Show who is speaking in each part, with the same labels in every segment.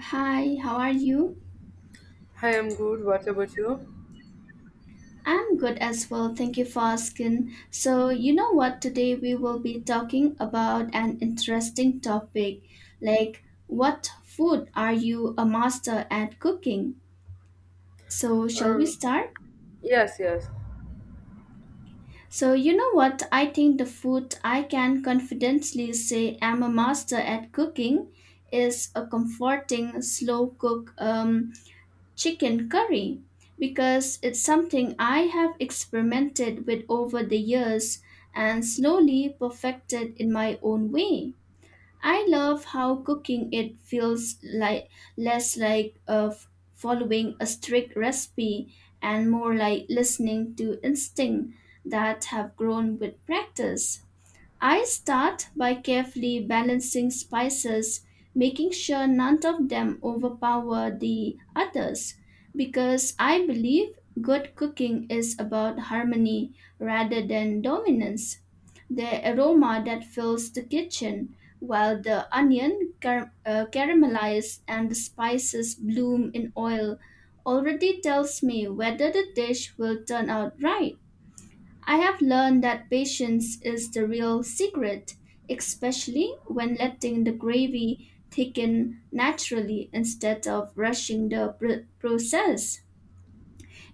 Speaker 1: Hi, how are you?
Speaker 2: Hi, I'm good. What about you?
Speaker 1: I'm good as well. Thank you for asking. So, you know what? Today we will be talking about an interesting topic like what food are you a master at cooking? So, shall we
Speaker 2: Uh,
Speaker 1: start?
Speaker 2: yes, yes.
Speaker 1: So, you know what? I think the food I can confidently say I'm a master at cooking is a comforting slow cook chicken curry because it's something I have experimented with over the years and slowly perfected in my own way. I love how cooking it feels like less like following a strict recipe and more like listening to instinct that have grown with practice. I start by carefully balancing spices, making sure none of them overpower the others, because I believe good cooking is about harmony rather than dominance. The aroma that fills the kitchen, while the onion caramelized and the spices bloom in oil, already tells me whether the dish will turn out right. I have learned that patience is the real secret, especially when letting the gravy thicken naturally instead of rushing the process.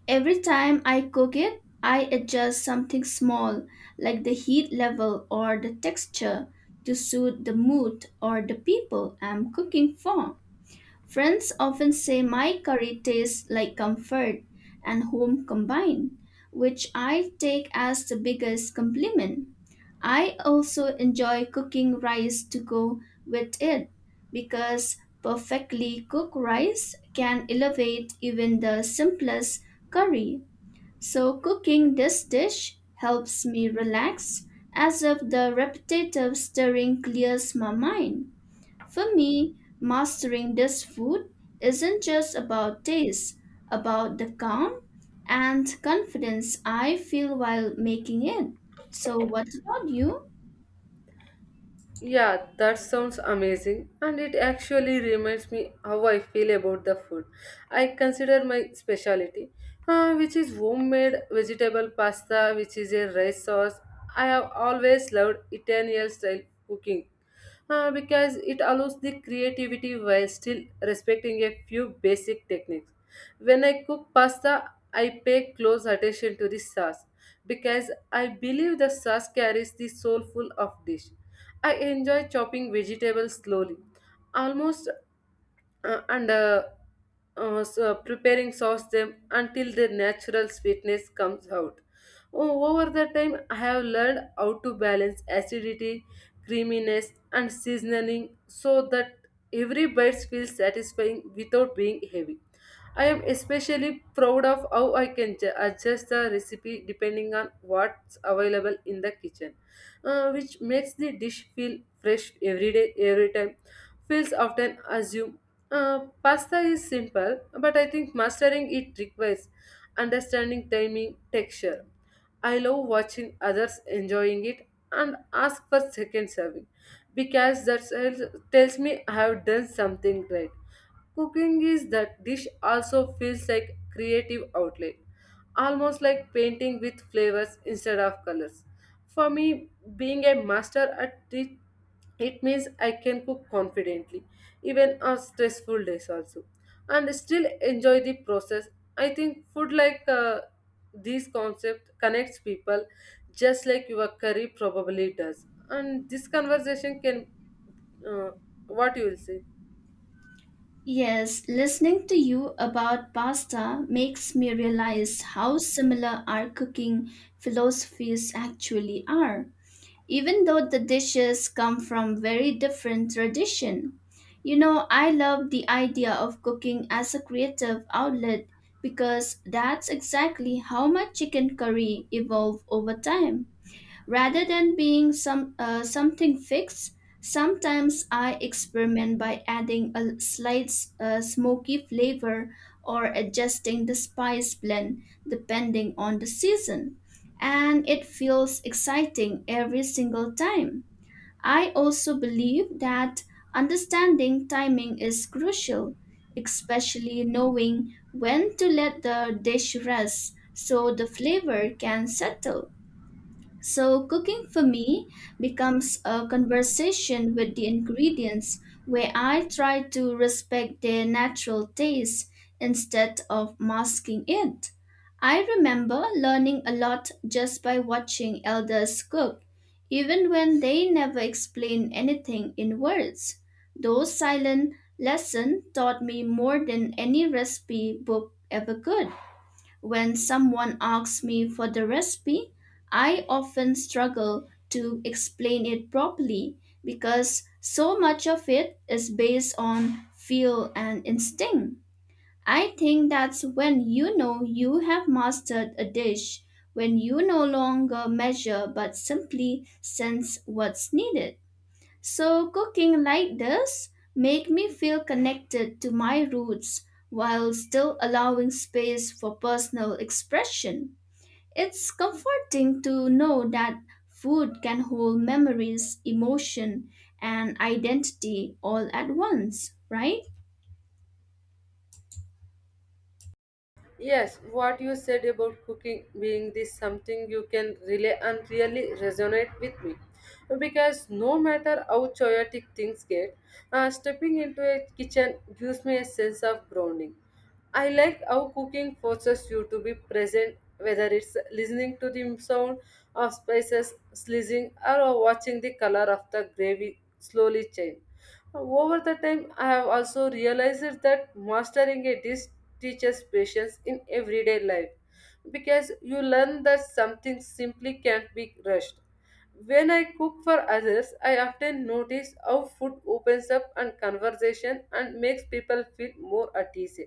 Speaker 1: Every time I cook it, I adjust something small, like the heat level or the texture, to suit the mood or the people I'm cooking for. Friends often say my curry tastes like comfort and home combined, which I take as the biggest compliment. I also enjoy cooking rice to go with it because perfectly cooked rice can elevate even the simplest curry. So, cooking this dish helps me relax as if the repetitive stirring clears my mind. For me, mastering this food isn't just about taste, about the calm and confidence I feel while making it. So, what about you?
Speaker 2: Yeah, that sounds amazing, and it actually reminds me how I feel about the food. I consider my specialty, which is homemade vegetable pasta, which is a rice sauce. I have always loved Italian style cooking because it allows the creativity while still respecting a few basic techniques. When I cook pasta, I pay close attention to the sauce because I believe the sauce carries the soulful of dish. I enjoy chopping vegetables slowly, almost and so preparing sauce them until their natural sweetness comes out. Over the time, I have learned how to balance acidity, creaminess, and seasoning so that every bite feels satisfying without being heavy. I am especially proud of how I can adjust the recipe depending on what's available in the kitchen, which makes the dish feel fresh every day, every time. Feels often assume pasta is simple, but I think mastering it requires understanding timing, texture. I love watching others enjoying it and ask for second serving because that tells me I have done something right. Cooking is that dish also feels like creative outlet, almost like painting with flavors instead of colors. For me, being a master at it, it means I can cook confidently, even on stressful days also, and still enjoy the process. I think food like this concept connects people, just like your curry probably does. And this conversation can, uh, what you will say?
Speaker 1: Yes, listening to you about pasta makes me realize how similar our cooking philosophies actually are, even though the dishes come from very different tradition. You know, I love the idea of cooking as a creative outlet because that's exactly how my chicken curry evolved over time. Rather than being something fixed, sometimes I experiment by adding a slight smoky flavor or adjusting the spice blend depending on the season, and it feels exciting every single time. I also believe that understanding timing is crucial, especially knowing when to let the dish rest so the flavor can settle. So, cooking for me becomes a conversation with the ingredients where I try to respect their natural taste instead of masking it. I remember learning a lot just by watching elders cook, even when they never explain anything in words. Those silent lessons taught me more than any recipe book ever could. When someone asks me for the recipe, I often struggle to explain it properly because so much of it is based on feel and instinct. I think that's when you know you have mastered a dish, when you no longer measure but simply sense what's needed. So cooking like this make me feel connected to my roots while still allowing space for personal expression. It's comforting to know that food can hold memories, emotion, and identity all at once, right?
Speaker 2: Yes, what you said about cooking being this something you can relay and really resonate with me. Because no matter how chaotic things get, stepping into a kitchen gives me a sense of grounding. I like how cooking forces you to be present, whether it's listening to the sound of spices sizzling or watching the color of the gravy slowly change. Over the time, I have also realized that mastering a dish teaches patience in everyday life because you learn that something simply can't be rushed. When I cook for others, I often notice how food opens up and conversation and makes people feel more at ease.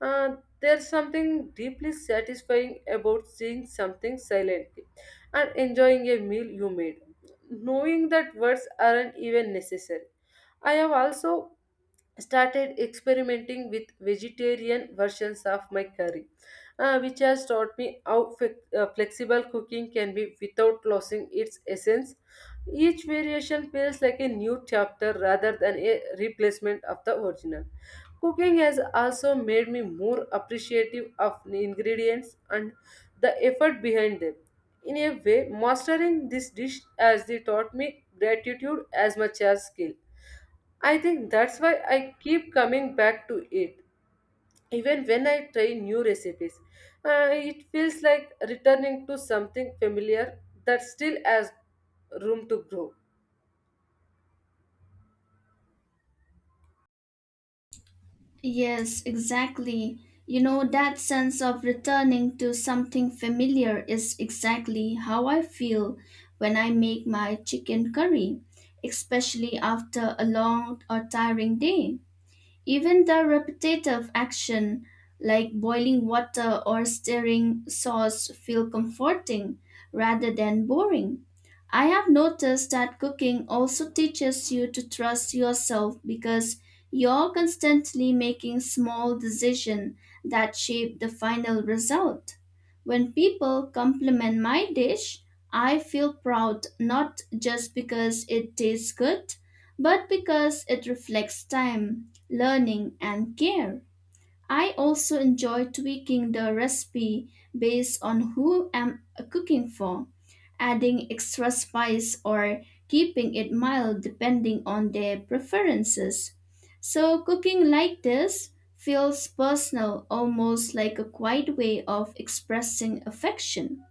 Speaker 2: There's something deeply satisfying about seeing something silently and enjoying a meal you made, knowing that words aren't even necessary. I have also started experimenting with vegetarian versions of my curry, which has taught me how flexible cooking can be without losing its essence. Each variation feels like a new chapter rather than a replacement of the original. Cooking has also made me more appreciative of the ingredients and the effort behind them. In a way, mastering this dish has taught me gratitude as much as skill. I think that's why I keep coming back to it. Even when I try new recipes, it feels like returning to something familiar that still has room to grow.
Speaker 1: Yes, exactly. You know, that sense of returning to something familiar is exactly how I feel when I make my chicken curry, especially after a long or tiring day. Even the repetitive action, like boiling water or stirring sauce, feel comforting rather than boring. I have noticed that cooking also teaches you to trust yourself because you're constantly making small decisions that shape the final result. When people compliment my dish, I feel proud not just because it tastes good, but because it reflects time, learning, and care. I also enjoy tweaking the recipe based on who I'm cooking for, adding extra spice or keeping it mild depending on their preferences. So, cooking like this feels personal, almost like a quiet way of expressing affection.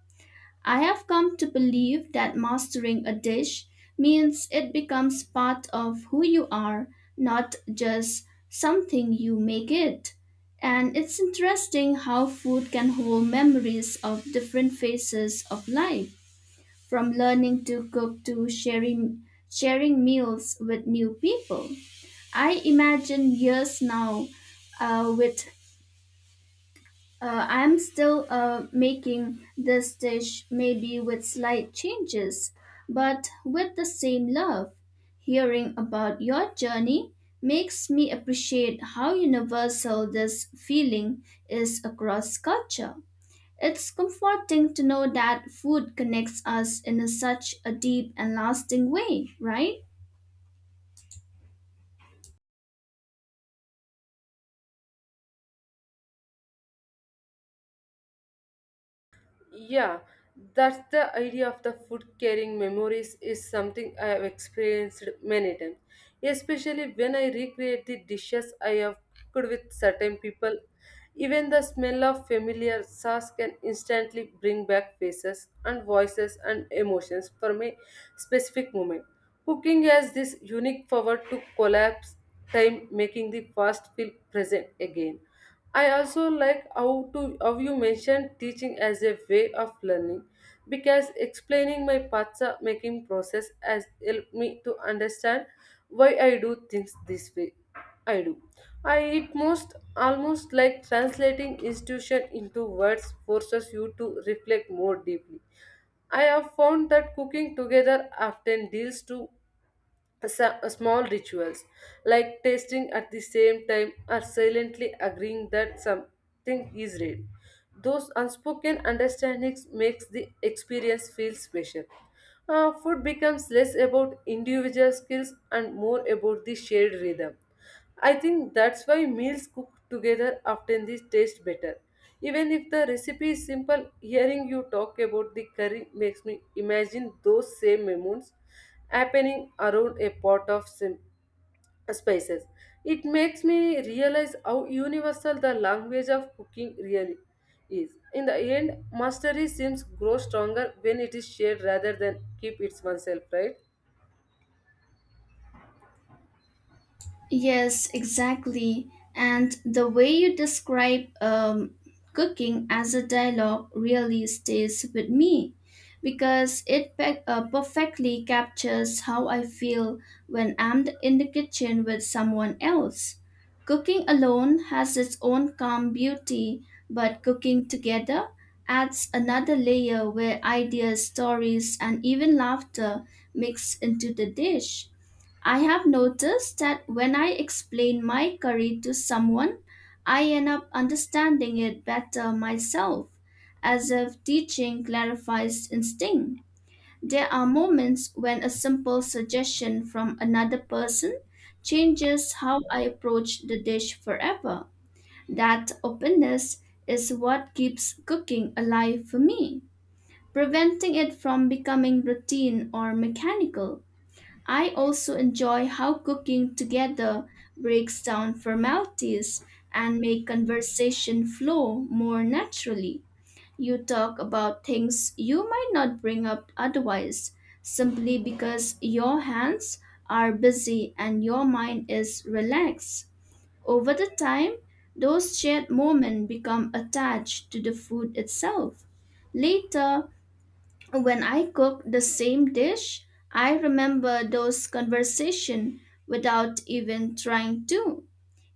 Speaker 1: I have come to believe that mastering a dish means it becomes part of who you are, not just something you make it. And it's interesting how food can hold memories of different phases of life, from learning to cook to sharing meals with new people. I imagine years now with I'm still making this dish, maybe with slight changes, but with the same love. Hearing about your journey makes me appreciate how universal this feeling is across culture. It's comforting to know that food connects us in such a deep and lasting way, right?
Speaker 2: Yeah, that's the idea of the food carrying memories is something I have experienced many times, especially when I recreate the dishes I have cooked with certain people. Even the smell of familiar sauce can instantly bring back faces and voices and emotions from a specific moment. Cooking has this unique power to collapse time, making the past feel present again. I also like how to how you mentioned teaching as a way of learning because explaining my patsa making process has helped me to understand why I do things this way. I do. I it most almost like translating institution into words forces you to reflect more deeply. I have found that cooking together often deals to small rituals like tasting at the same time or silently agreeing that something is real, those unspoken understandings makes the experience feel special. Food becomes less about individual skills and more about the shared rhythm. I think that's why meals cooked together often they taste better, even if the recipe is simple. Hearing you talk about the curry makes me imagine those same moments happening around a pot of spices. It makes me realize how universal the language of cooking really is. In the end, mastery seems grow stronger when it is shared rather than keep it oneself, right?
Speaker 1: Yes, exactly. And the way you describe cooking as a dialogue really stays with me because it perfectly captures how I feel when I'm in the kitchen with someone else. Cooking alone has its own calm beauty, but cooking together adds another layer where ideas, stories, and even laughter mix into the dish. I have noticed that when I explain my curry to someone, I end up understanding it better myself, as if teaching clarifies instinct. There are moments when a simple suggestion from another person changes how I approach the dish forever. That openness is what keeps cooking alive for me, preventing it from becoming routine or mechanical. I also enjoy how cooking together breaks down formalities and make conversation flow more naturally. You talk about things you might not bring up otherwise, simply because your hands are busy and your mind is relaxed. Over the time, those shared moments become attached to the food itself. Later, when I cook the same dish, I remember those conversations without even trying to.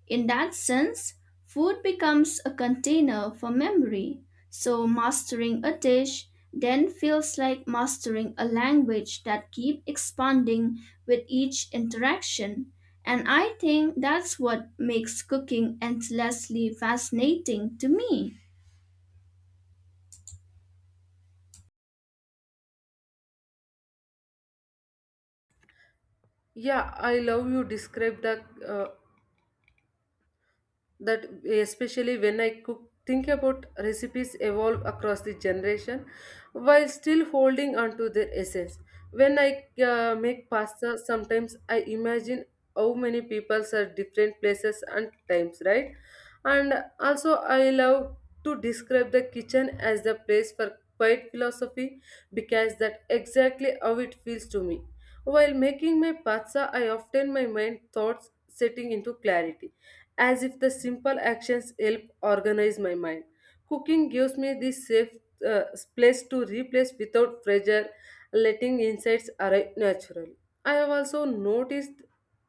Speaker 1: In that sense, food becomes a container for memory. So mastering a dish then feels like mastering a language that keeps expanding with each interaction. And I think that's what makes cooking endlessly fascinating to me.
Speaker 2: Yeah, I love you describe the uh, that especially when I cook, think about recipes evolve across the generation while still holding on to their essence. When I make pasta, sometimes I imagine how many people are different places and times, right? And also, I love to describe the kitchen as the place for quiet philosophy because that exactly how it feels to me. While making my pasta, I often my mind thoughts setting into clarity as if the simple actions help organize my mind. Cooking gives me this safe uh, place to replace without pressure, letting insights arrive naturally. I have also noticed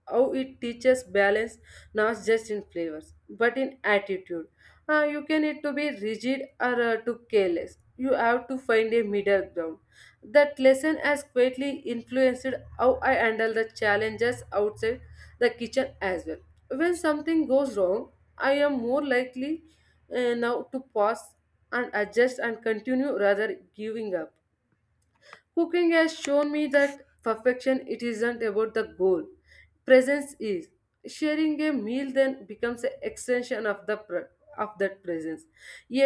Speaker 2: how it teaches balance not just in flavors but in attitude. You can need to be rigid or to careless. You have to find a middle ground. That lesson has greatly influenced how I handle the challenges outside the kitchen as well. When something goes wrong, I am more likely now to pause and adjust and continue rather giving up. Cooking has shown me that perfection it isn't about the goal. Presence is. Sharing a meal then becomes an extension of the of that presence,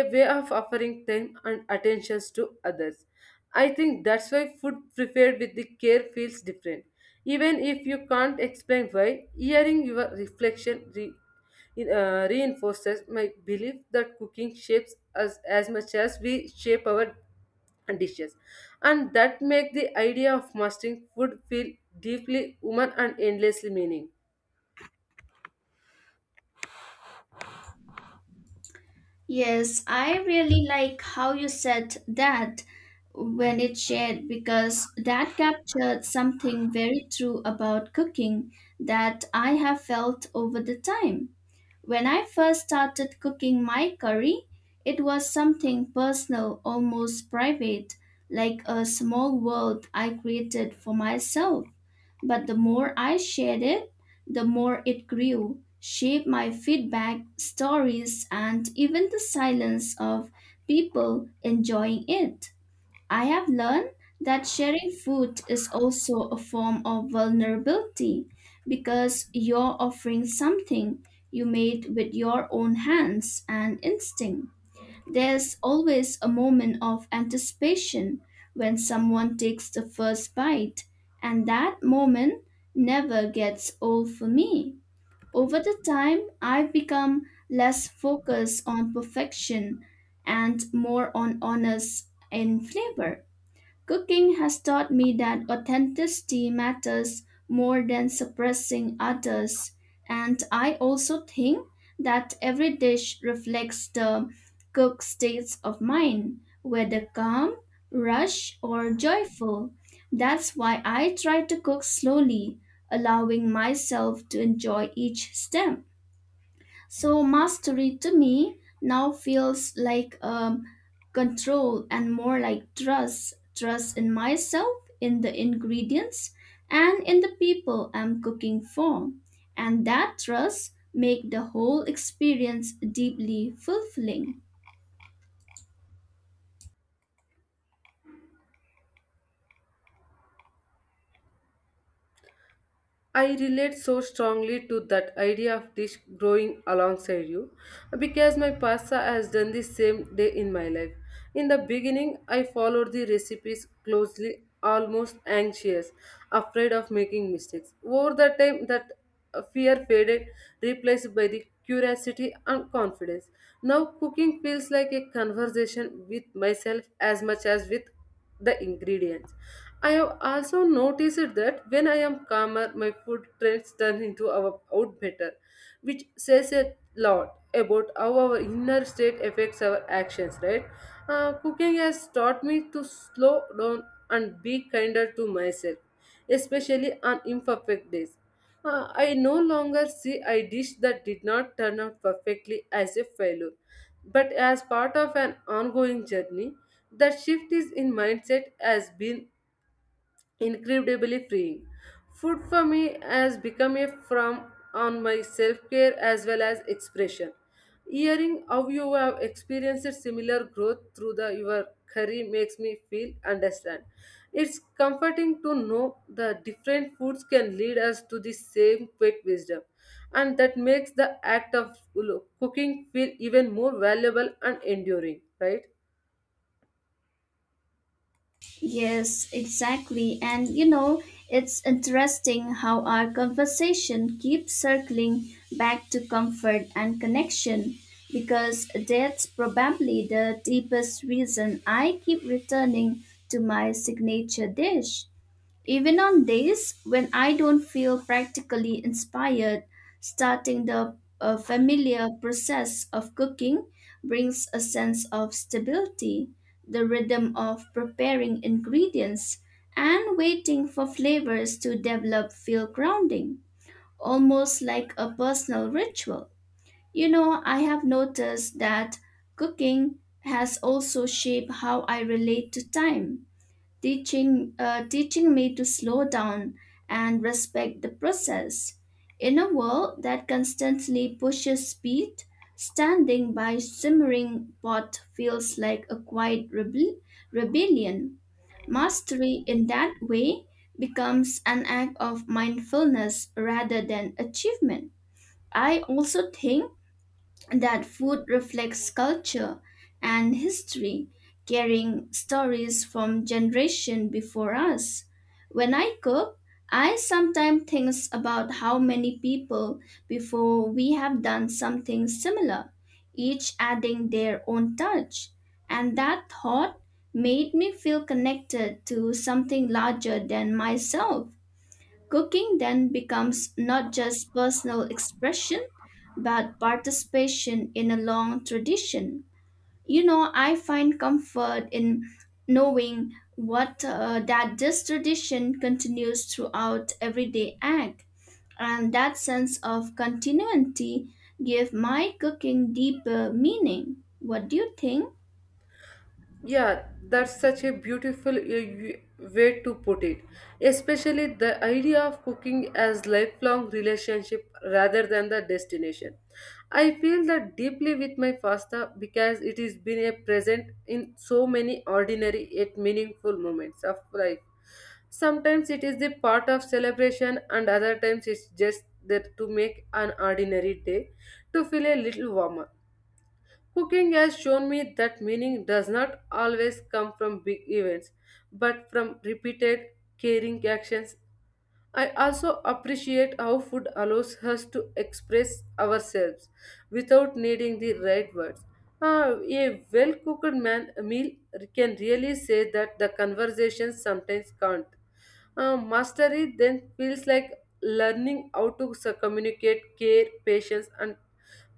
Speaker 2: a way of offering time and attentions to others. I think that's why food prepared with the care feels different. Even if you can't explain why, hearing your reflection reinforces my belief that cooking shapes us as much as we shape our and dishes, and that make the idea of mastering food feel deeply human and endlessly meaning.
Speaker 1: Yes, I really like how you said that when it shared because that captured something very true about cooking that I have felt over the time. When I first started cooking my curry, it was something personal, almost private, like a small world I created for myself. But the more I shared it, the more it grew, shaped my feedback, stories, and even the silence of people enjoying it. I have learned that sharing food is also a form of vulnerability because you're offering something you made with your own hands and instinct. There's always a moment of anticipation when someone takes the first bite, and that moment never gets old for me. Over the time, I've become less focused on perfection and more on honors in flavor. Cooking has taught me that authenticity matters more than suppressing others. And I also think that every dish reflects the cook's states of mind, whether calm, rush, or joyful. That's why I try to cook slowly, allowing myself to enjoy each step. So mastery to me now feels like control and more like trust in myself, in the ingredients, and in the people I'm cooking for. And that trust make the whole experience deeply fulfilling.
Speaker 2: I relate so strongly to that idea of dish growing alongside you because my pasta has done the same day in my life. In the beginning, I followed the recipes closely, almost anxious, afraid of making mistakes. Over the time, that fear faded, replaced by the curiosity and confidence. Now, cooking feels like a conversation with myself as much as with the ingredients. I have also noticed that when I am calmer, my food trends turn into our out better, which says a lot about how our inner state affects our actions, right? Cooking has taught me to slow down and be kinder to myself especially on imperfect days. I no longer see a dish that did not turn out perfectly as a failure, but as part of an ongoing journey. That shift is in mindset has been incredibly freeing. Food for me has become a form on my self care as well as expression. Hearing how you have experienced similar growth through the your career makes me feel understand. It's comforting to know the different foods can lead us to the same quick wisdom, and that makes the act of cooking feel even more valuable and enduring. Right?
Speaker 1: Yes, exactly. And you know, it's interesting how our conversation keeps circling back to comfort and connection because that's probably the deepest reason I keep returning to my signature dish. Even on days when I don't feel practically inspired, starting the familiar process of cooking brings a sense of stability, the rhythm of preparing ingredients, and waiting for flavors to develop feel grounding, almost like a personal ritual. You know, I have noticed that cooking has also shaped how I relate to time, teaching me to slow down and respect the process in a world that constantly pushes speed, standing by simmering pot feels like a quiet rebellion. Mastery in that way becomes an act of mindfulness rather than achievement. I also think that food reflects culture and history, carrying stories from generation before us. When I cook, I sometimes think about how many people before we have done something similar, each adding their own touch. And that thought made me feel connected to something larger than myself. Cooking then becomes not just personal expression, but participation in a long tradition. You know, I find comfort in knowing what that this tradition continues throughout everyday act, and that sense of continuity give my cooking deeper meaning. What do you think?
Speaker 2: Yeah, that's such a beautiful way to put it. Especially the idea of cooking as lifelong relationship rather than the destination. I feel that deeply with my pasta because it has been a present in so many ordinary yet meaningful moments of life. Sometimes it is the part of celebration and other times it's just there to make an ordinary day to feel a little warmer. Cooking has shown me that meaning does not always come from big events, but from repeated caring actions. I also appreciate how food allows us to express ourselves without needing the right words. Ah, a well cooked man meal can really say that the conversation sometimes can't. Mastery then feels like learning how to communicate care, patience, and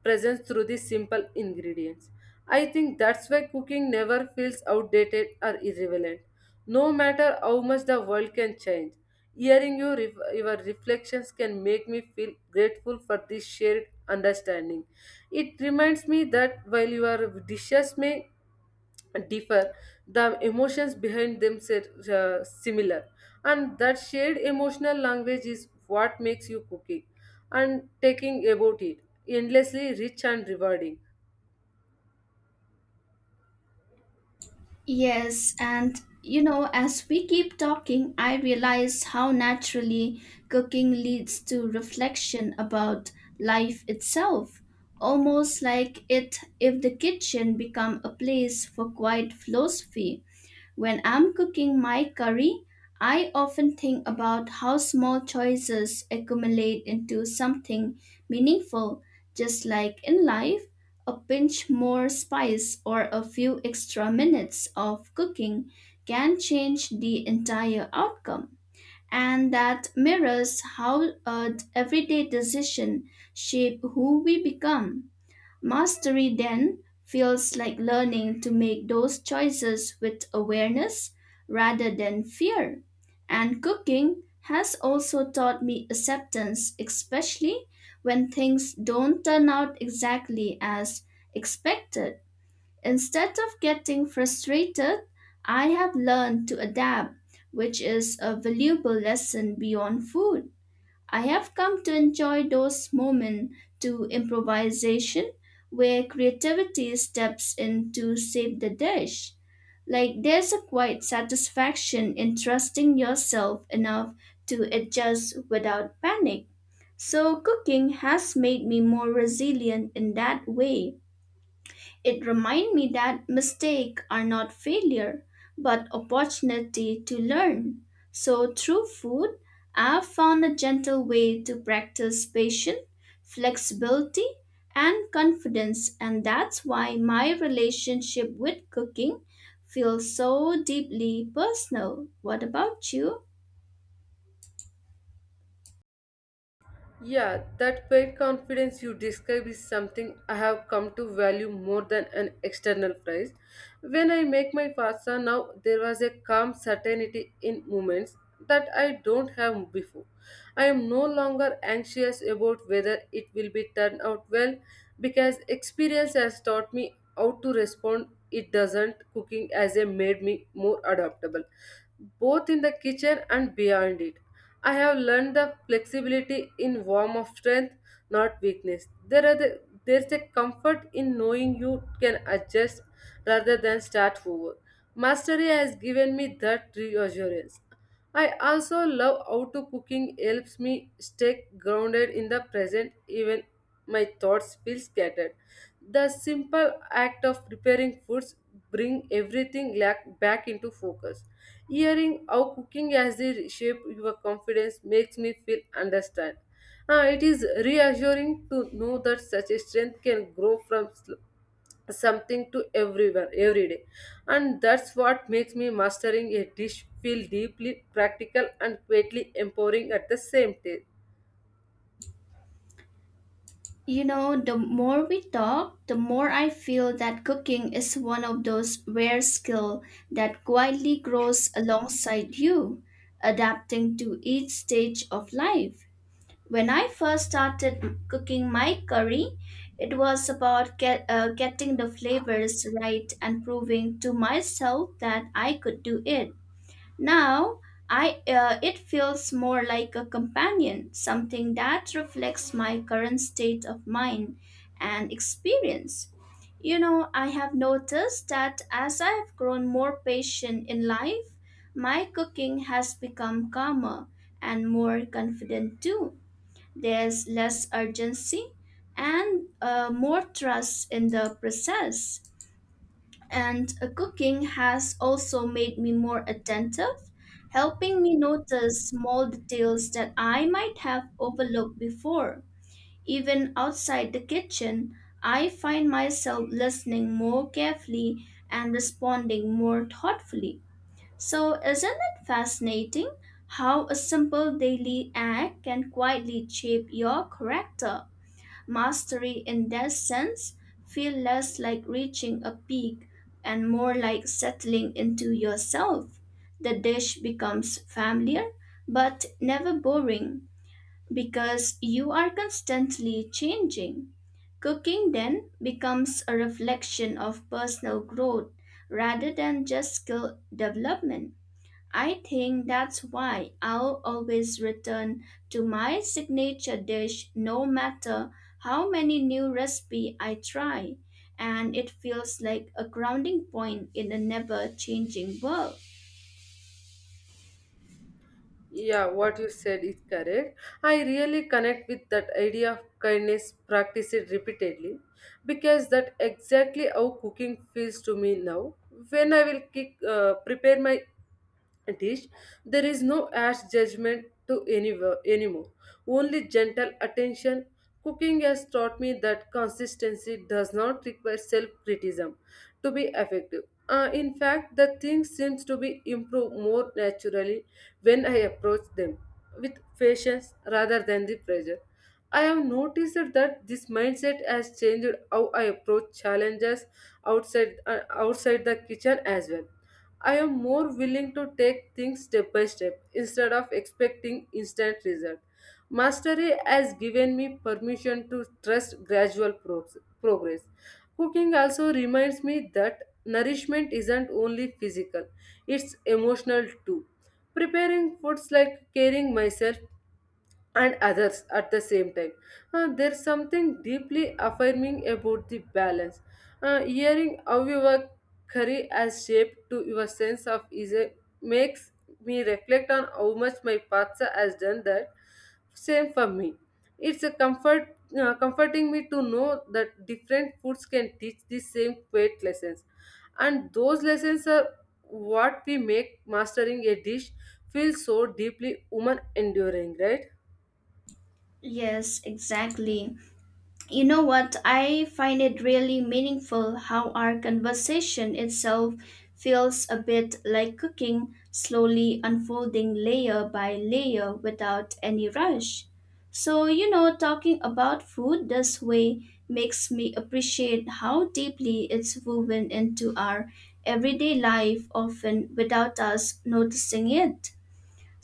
Speaker 2: presence through the simple ingredients. I think that's why cooking never feels outdated or irrelevant. No matter how much the world can change, hearing you your reflections can make me feel grateful for this shared understanding. It reminds me that while your dishes may differ, the emotions behind them are similar, and that shared emotional language is what makes you cooking and taking about it endlessly rich and rewarding.
Speaker 1: Yes, and you know, as we keep talking, I realize how naturally cooking leads to reflection about life itself. Almost like it if the kitchen become a place for quiet philosophy. When I'm cooking my curry, I often think about how small choices accumulate into something meaningful, just like in life. A pinch more spice or a few extra minutes of cooking can change the entire outcome. And that mirrors how an everyday decision shape who we become. Mastery then feels like learning to make those choices with awareness rather than fear. And cooking has also taught me acceptance, especially when things don't turn out exactly as expected. Instead of getting frustrated, I have learned to adapt, which is a valuable lesson beyond food. I have come to enjoy those moments to improvisation where creativity steps in to save the dish. Like there's a quiet satisfaction in trusting yourself enough to adjust without panic. So cooking has made me more resilient in that way. It reminded me that mistakes are not failure, but opportunity to learn. So through food, I've found a gentle way to practice patience, flexibility, and confidence, and that's why my relationship with cooking feels so deeply personal. What about you?
Speaker 2: Yeah, that paid confidence you describe is something I have come to value more than an external prize. When I make my pasta now, there was a calm certainty in moments that I don't have before. I am no longer anxious about whether it will be turned out well because experience has taught me how to respond. It doesn't cooking as a made me more adaptable, both in the kitchen and beyond it. I have learned the flexibility in warm of strength, not weakness. There's a comfort in knowing you can adjust rather than start over. Mastery has given me that reassurance. I also love how cooking helps me stay grounded in the present even my thoughts feel scattered. The simple act of preparing foods bring everything back into focus. Hearing how cooking has reshaped your confidence makes me feel understand. Ah, it is reassuring to know that such a strength can grow from something to everyone every day, and that's what makes me mastering a dish feel deeply practical and greatly empowering at the same time.
Speaker 1: You know, the more we talk, the more I feel that cooking is one of those rare skills that quietly grows alongside you, adapting to each stage of life. When I first started cooking my curry, it was about getting the flavors right and proving to myself that I could do it. Now, I it feels more like a companion, something that reflects my current state of mind and experience. You know, I have noticed that as I have grown more patient in life, my cooking has become calmer and more confident too. There's less urgency and more trust in the process, and cooking has also made me more attentive, helping me notice small details that I might have overlooked before. Even outside the kitchen, I find myself listening more carefully and responding more thoughtfully. So, isn't it fascinating how a simple daily act can quietly shape your character? Mastery in that sense feel less like reaching a peak and more like settling into yourself. The dish becomes familiar but never boring because you are constantly changing. Cooking then becomes a reflection of personal growth rather than just skill development. I think that's why I'll always return to my signature dish no matter how many new recipe I try, and it feels like a grounding point in a never changing world.
Speaker 2: Yeah, what you said is correct. I really connect with that idea of kindness practice it repeatedly because that exactly how cooking feels to me now. When I will prepare my dish, there is no harsh judgment to anywhere, anymore, only gentle attention. Cooking has taught me that consistency does not require self criticism to be effective. In fact, the things seems to be improved more naturally when I approach them with patience rather than the pressure. I have noticed that this mindset has changed how I approach challenges outside the kitchen as well. I am more willing to take things step by step instead of expecting instant result. Mastery has given me permission to trust gradual progress. Cooking also reminds me that nourishment isn't only physical, it's emotional too. Preparing foods like caring myself and others at the same time. There's something deeply affirming about the balance. Hearing how your career has shaped to your sense of ease makes me reflect on how much my path has done that. Same for me. It's a comforting me to know that different foods can teach the same quiet lessons, and those lessons are what we make mastering a dish feel so deeply human enduring, right?
Speaker 1: Yes, exactly. You know what? I find it really meaningful how our conversation itself feels a bit like cooking, slowly unfolding layer by layer without any rush. So, you know, talking about food this way makes me appreciate how deeply it's woven into our everyday life, often without us noticing it.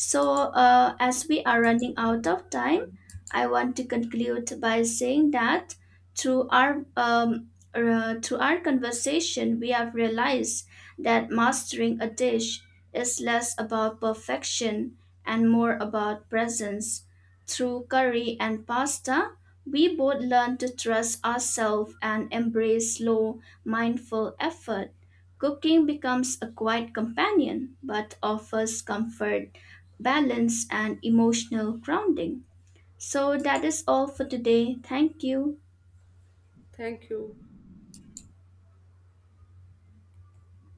Speaker 1: So, as we are running out of time, I want to conclude by saying that through our through our conversation, we have realized that mastering a dish is less about perfection and more about presence. Through curry and pasta, we both learn to trust ourselves and embrace slow, mindful effort. Cooking becomes a quiet companion but offers comfort balance, and emotional grounding. So, that is all for today. Thank you.
Speaker 2: Thank you.